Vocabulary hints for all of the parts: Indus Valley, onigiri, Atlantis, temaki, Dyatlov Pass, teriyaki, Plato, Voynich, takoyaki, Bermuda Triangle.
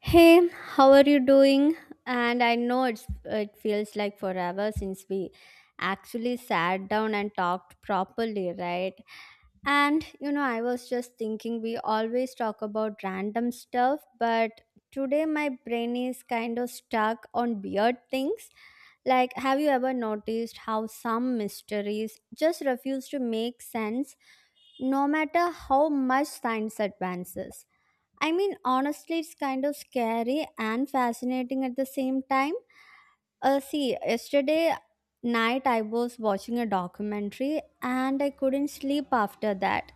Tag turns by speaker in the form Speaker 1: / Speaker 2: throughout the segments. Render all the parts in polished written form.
Speaker 1: Hey, how are you doing? And I know it feels like forever since we actually sat down and talked properly, right? And you know, I was just thinking we always talk about random stuff, but today my brain is kind of stuck on weird things. Like, have you ever noticed how some mysteries just refuse to make sense no matter how much science advances? I mean, honestly, it's kind of scary and fascinating at the same time. See, yesterday night I was watching a documentary and I couldn't sleep after that.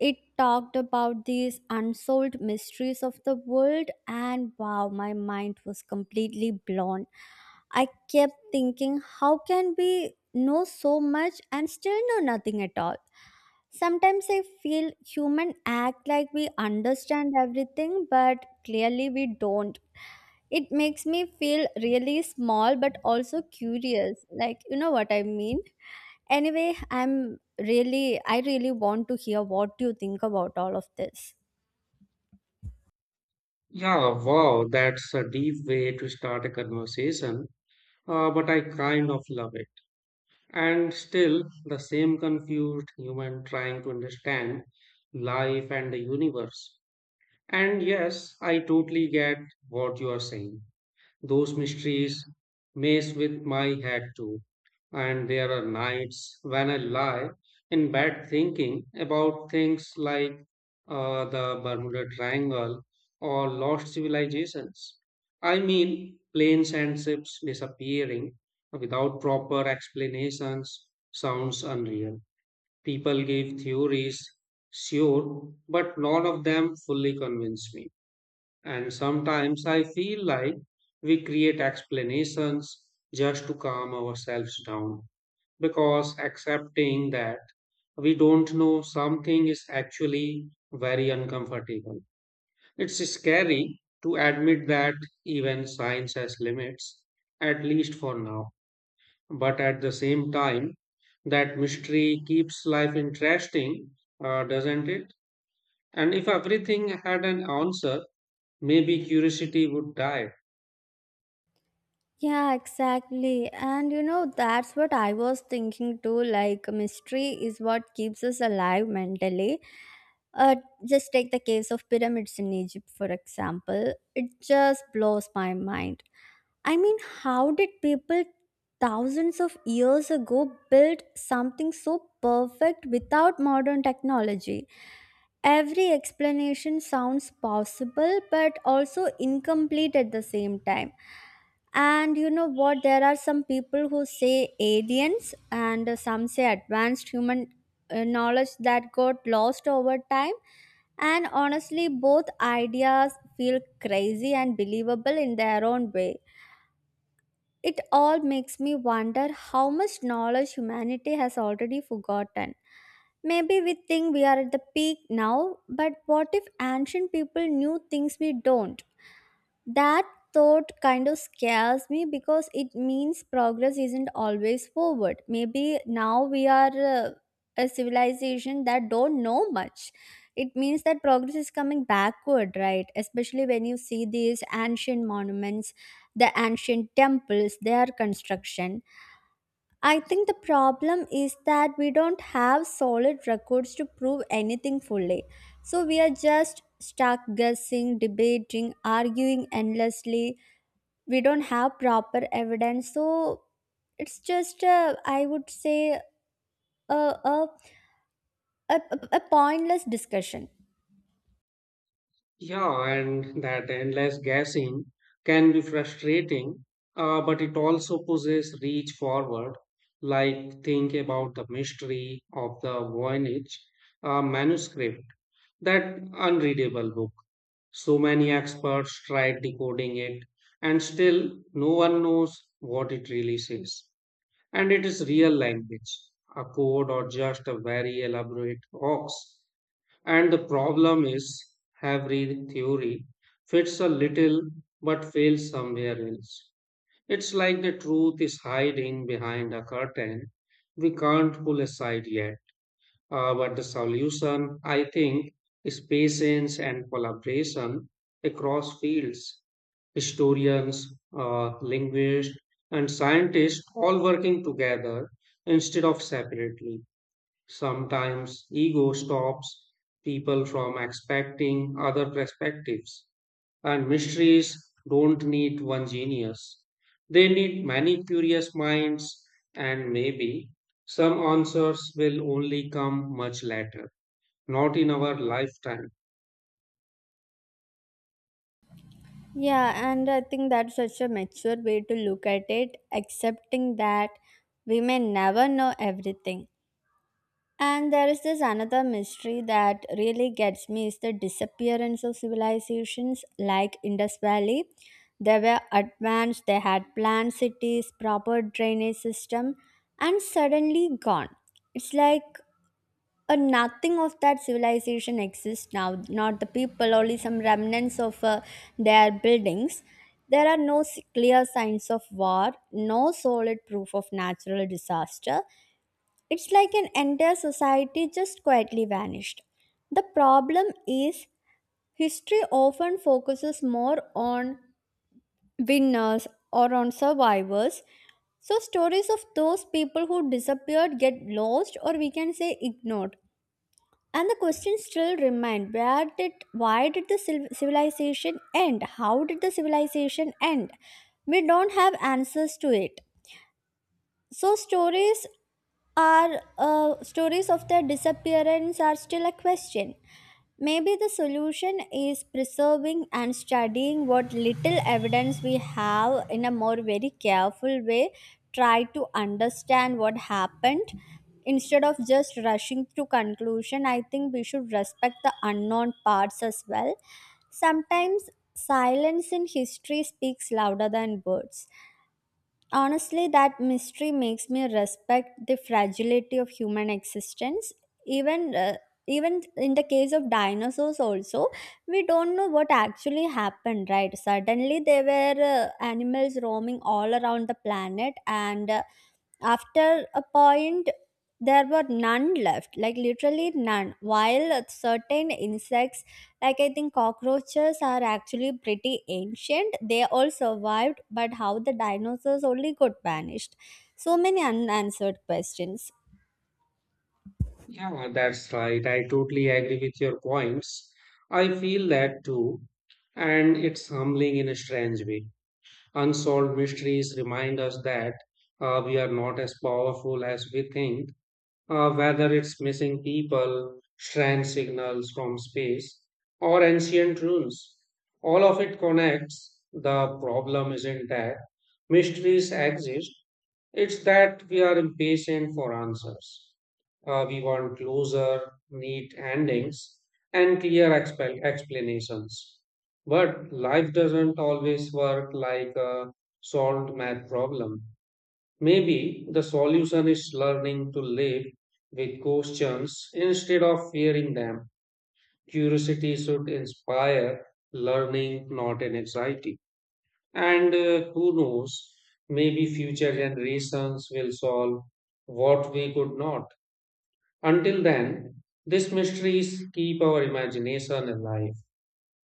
Speaker 1: It talked about these unsolved mysteries of the world, and wow, my mind was completely blown. I kept thinking, how can we know so much and still know nothing at all? Sometimes I feel human act like we understand everything, but clearly we don't. It makes me feel really small, but also curious. Like, you know what I mean? Anyway, I really want to hear what you think about all of this.
Speaker 2: Yeah, wow, that's a deep way to start a conversation, but I kind of love it. And still, the same confused human trying to understand life and the universe. And yes, I totally get what you are saying. Those mysteries mess with my head too. And there are nights when I lie in bed thinking about things like the Bermuda Triangle or lost civilizations. I mean, planes and ships disappearing without proper explanations sounds unreal. People give theories, sure, but none of them fully convince me. And sometimes I feel like we create explanations just to calm ourselves down because accepting that we don't know something is actually very uncomfortable. It's scary to admit that even science has limits, at least for now. But at the same time, that mystery keeps life interesting, doesn't it? And if everything had an answer, maybe curiosity would die.
Speaker 1: Yeah, exactly. And you know, that's what I was thinking too. Like, mystery is what keeps us alive mentally. Uh, just take the case of pyramids in Egypt, for example. It just blows my mind. I mean, how did people thousands of years ago build something so perfect without modern technology? Every explanation sounds possible but also incomplete at the same time. And you know what? There are some people who say aliens and some say advanced human knowledge that got lost over time. And honestly, both ideas feel crazy and believable in their own way. It all makes me wonder how much knowledge humanity has already forgotten. Maybe we think we are at the peak now, but what if ancient people knew things we don't? That thought kind of scares me because it means progress isn't always forward. Maybe now we are a civilization that don't know much. It means that progress is coming backward, right? Especially when you see these ancient monuments the ancient temples, their construction. I think the problem is that we don't have solid records to prove anything fully. So we are just stuck guessing, debating, arguing endlessly. We don't have proper evidence. So it's just, a, I would say, a, a, a, a pointless discussion.
Speaker 2: Yeah, and that endless guessing can be frustrating, but it also poses reach forward. Like, think about the mystery of the Voynich manuscript, that unreadable book. So many experts tried decoding it, and still no one knows what it really says. And it is real language, a code, or just a very elaborate hoax. And the problem is, every theory fits a little but fails somewhere else. It's like the truth is hiding behind a curtain we can't pull aside yet. But the solution, I think, is patience and collaboration across fields. Historians, linguists, and scientists all working together instead of separately. Sometimes ego stops people from expecting other perspectives, and mysteries don't need one genius. They need many curious minds, and maybe some answers will only come much later, not in our lifetime.
Speaker 1: Yeah, and I think that's such a mature way to look at it, accepting that we may never know everything. And there is this another mystery that really gets me is the disappearance of civilizations like Indus Valley. They were advanced, they had planned cities, proper drainage system, and suddenly gone. It's like a nothing of that civilization exists now, not the people, only some remnants of their buildings. There are no clear signs of war, no solid proof of natural disaster it's like an entire society just quietly vanished. The problem is, history often focuses more on winners or on survivors. So, stories of those people who disappeared get lost or we can say ignored. And the question still remains why did the civilization end? How did the civilization end? We don't have answers to it. So stories of their disappearance are still a question. Maybe the solution is preserving and studying what little evidence we have in a more very careful way. Try to understand what happened instead of just rushing to conclusion. I think we should respect the unknown parts as well. Sometimes silence in history speaks louder than words. Honestly, that mystery makes me respect the fragility of human existence. Even uh, even in the case of dinosaurs, also we don't know what actually happened. Right? Suddenly, there were animals roaming all around the planet, and after a point there were none left like literally none while certain insects like I think cockroaches are actually pretty ancient they all survived but how the dinosaurs only got vanished so many unanswered questions
Speaker 2: Yeah, that's right. I totally agree with your points. I feel that too, and it's humbling in a strange way. Unsolved mysteries remind us that we are not as powerful as we think, whether it's missing people, strand signals from space, or ancient runes. All of it connects. The problem isn't that mysteries exist, it's that we are impatient for answers. We want closer, neat endings, and clear explanations. But life doesn't always work like a solved math problem. Maybe the solution is learning to live with questions instead of fearing them. Curiosity should inspire learning, not an anxiety. And who knows, maybe future generations will solve what we could not. Until then, these mysteries keep our imagination alive.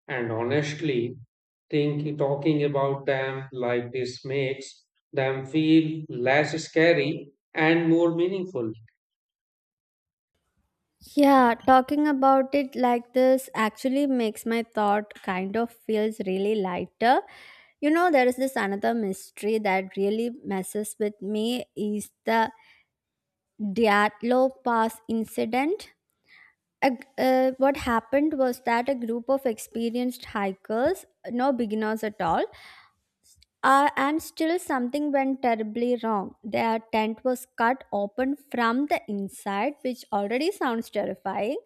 Speaker 2: And honestly, think, talking about them like this makes them feel less scary and more meaningful.
Speaker 1: yeah, talking about it like this actually makes my thought kind of feels really lighter. You know, there is this another mystery that really messes with me is the Diatlo Pass incident. What happened was that a group of experienced hikers, no beginners at all, and still something went terribly wrong. Their tent was cut open from the inside, which already sounds terrifying.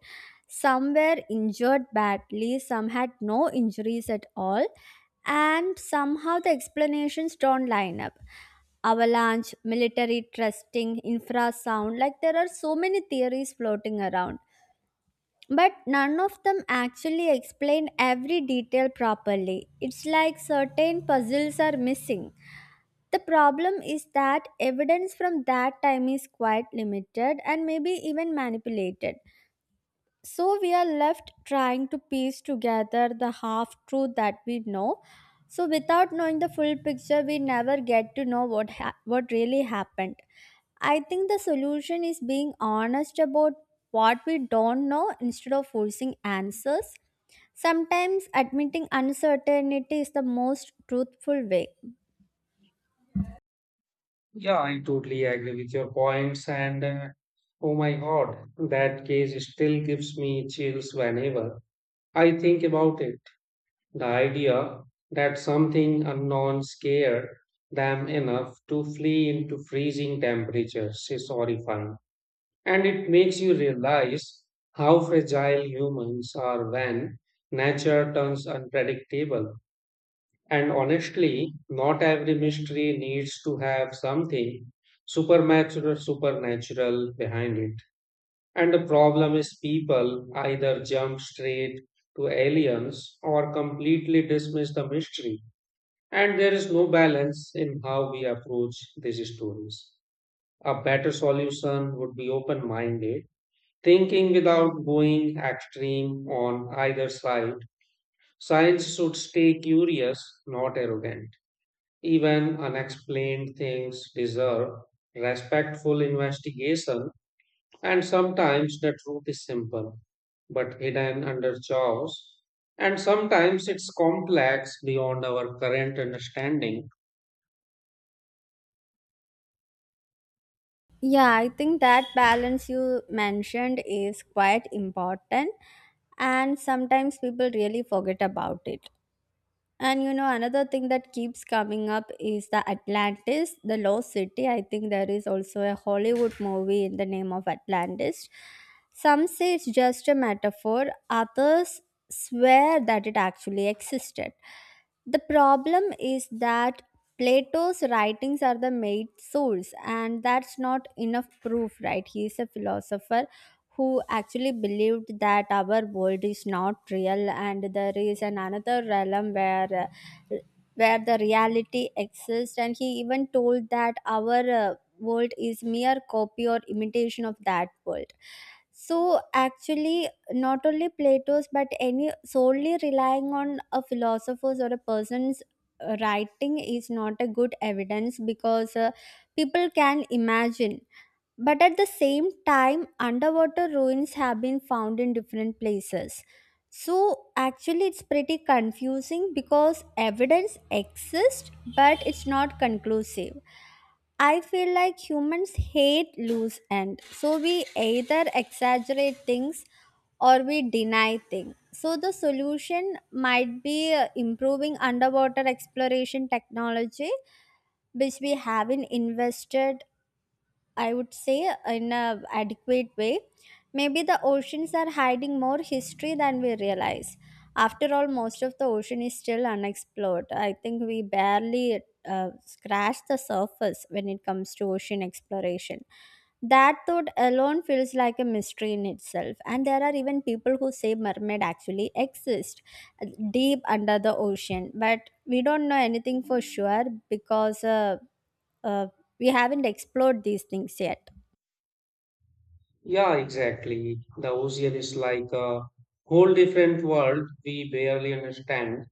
Speaker 1: Some were injured badly, some had no injuries at all, and somehow the explanations don't line up avalanche, military trusting, infrasound. Like there are so many theories floating around. But none of them actually explain every detail properly. It's like certain puzzles are missing. The problem is that evidence from that time is quite limited and maybe even manipulated. So we are left trying to piece together the half truth that we know. So without knowing the full picture, we never get to know what really happened. I think the solution is being honest about what we don't know instead of forcing answers. Sometimes admitting uncertainty is the most truthful way.
Speaker 2: Yeah, I totally agree with your points. And oh my God, that case still gives me chills whenever I think about it. The idea that something unknown scared them enough to flee into freezing temperatures is horrifying. And it makes you realize how fragile humans are when nature turns unpredictable. And honestly, not every mystery needs to have something supernatural behind it. And the problem is people either jump straight to aliens or completely dismiss the mystery and there is no balance in how we approach these stories. A better solution would be open minded, thinking without going extreme on either side. Science should stay curious, not arrogant. Even unexplained things deserve respectful investigation, and sometimes the truth is simple but hidden under chaos, and sometimes it's complex beyond our current understanding.
Speaker 1: Yeah, I think that balance you mentioned is quite important, and sometimes people really forget about it. And you know, another thing that keeps coming up is the Atlantis, the Lost City. I think there is also a Hollywood movie in the name of Atlantis. Some say it's just a metaphor, others swear that it actually existed. The problem is that Plato's writings are the main source, and that's not enough proof, right? He is a philosopher who actually believed that our world is not real and there is an another realm uh, where the reality exists and he even told that our world is mere copy or imitation of that world so actually not only plato's but any solely relying on a philosopher's or a person's writing is not a good evidence because people can imagine but at the same time, underwater ruins have been found in different places. So actually, it's pretty confusing because evidence exists, but it's not conclusive. I feel like humans hate loose end. So we either exaggerate things or we deny things. So the solution might be improving underwater exploration technology, which we haven't invested I would say, in a adequate way. Maybe the oceans are hiding more history than we realize. After all, most of the ocean is still unexplored. I think we barely scratch the surface when it comes to ocean exploration. That thought alone feels like a mystery in itself. And there are even people who say mermaid actually exist deep under the ocean, but we don't know anything for sure because uh, we haven't explored these things yet
Speaker 2: Yeah, exactly. The ocean is like a whole different world we barely understand.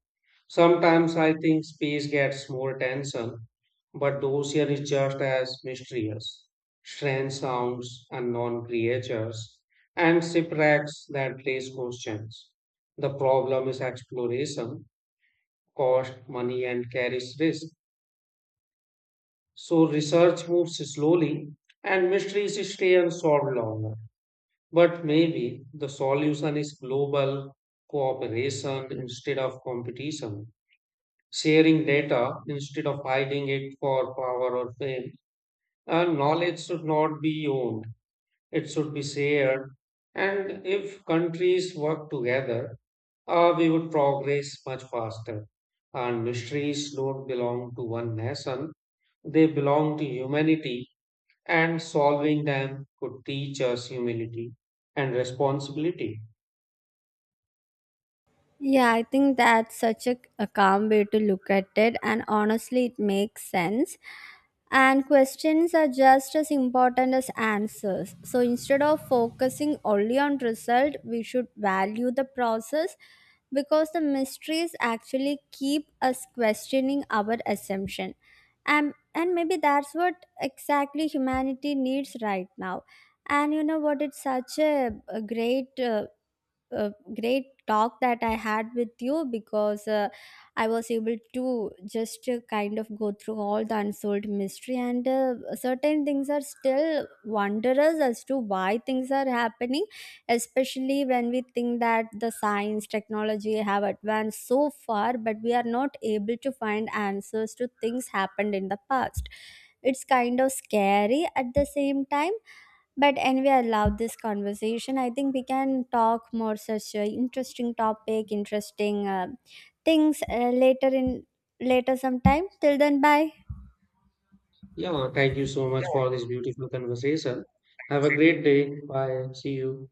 Speaker 2: Sometimes I think space gets more attention, but the ocean is just as mysterious. Strange sounds, unknown creatures, and shipwrecks that raise questions. The problem is exploration, cost, money, and carries risk. So research moves slowly, and mysteries stay unsolved longer. But maybe the solution is global cooperation instead of competition, sharing data instead of hiding it for power or fame. And knowledge should not be owned, it should be shared. And if countries work together, we would progress much faster. And mysteries don't belong to one nation, they belong to humanity, and solving them could teach us humility and responsibility.
Speaker 1: yeah, I think that's such a calm way to look at it, and honestly, it makes sense. And questions are just as important as answers. So instead of focusing only on result, we should value the process because the mysteries actually keep us questioning our assumption. And and maybe that's what exactly humanity needs right now. And you know what? It's such a great uh, great talk that I had with you because I was able to just kind of go through all the unsolved mystery, and certain things are still wondrous as to why things are happening, especially when we think that the science, technology have advanced so far, but we are not able to find answers to things happened in the past. It's kind of scary at the same time but anyway, I love this conversation. I think we can talk more such interesting topic, interesting things later in later sometime. Till then, bye.
Speaker 2: Yeah, thank you so much for this beautiful conversation. Have a great day. Bye. See you.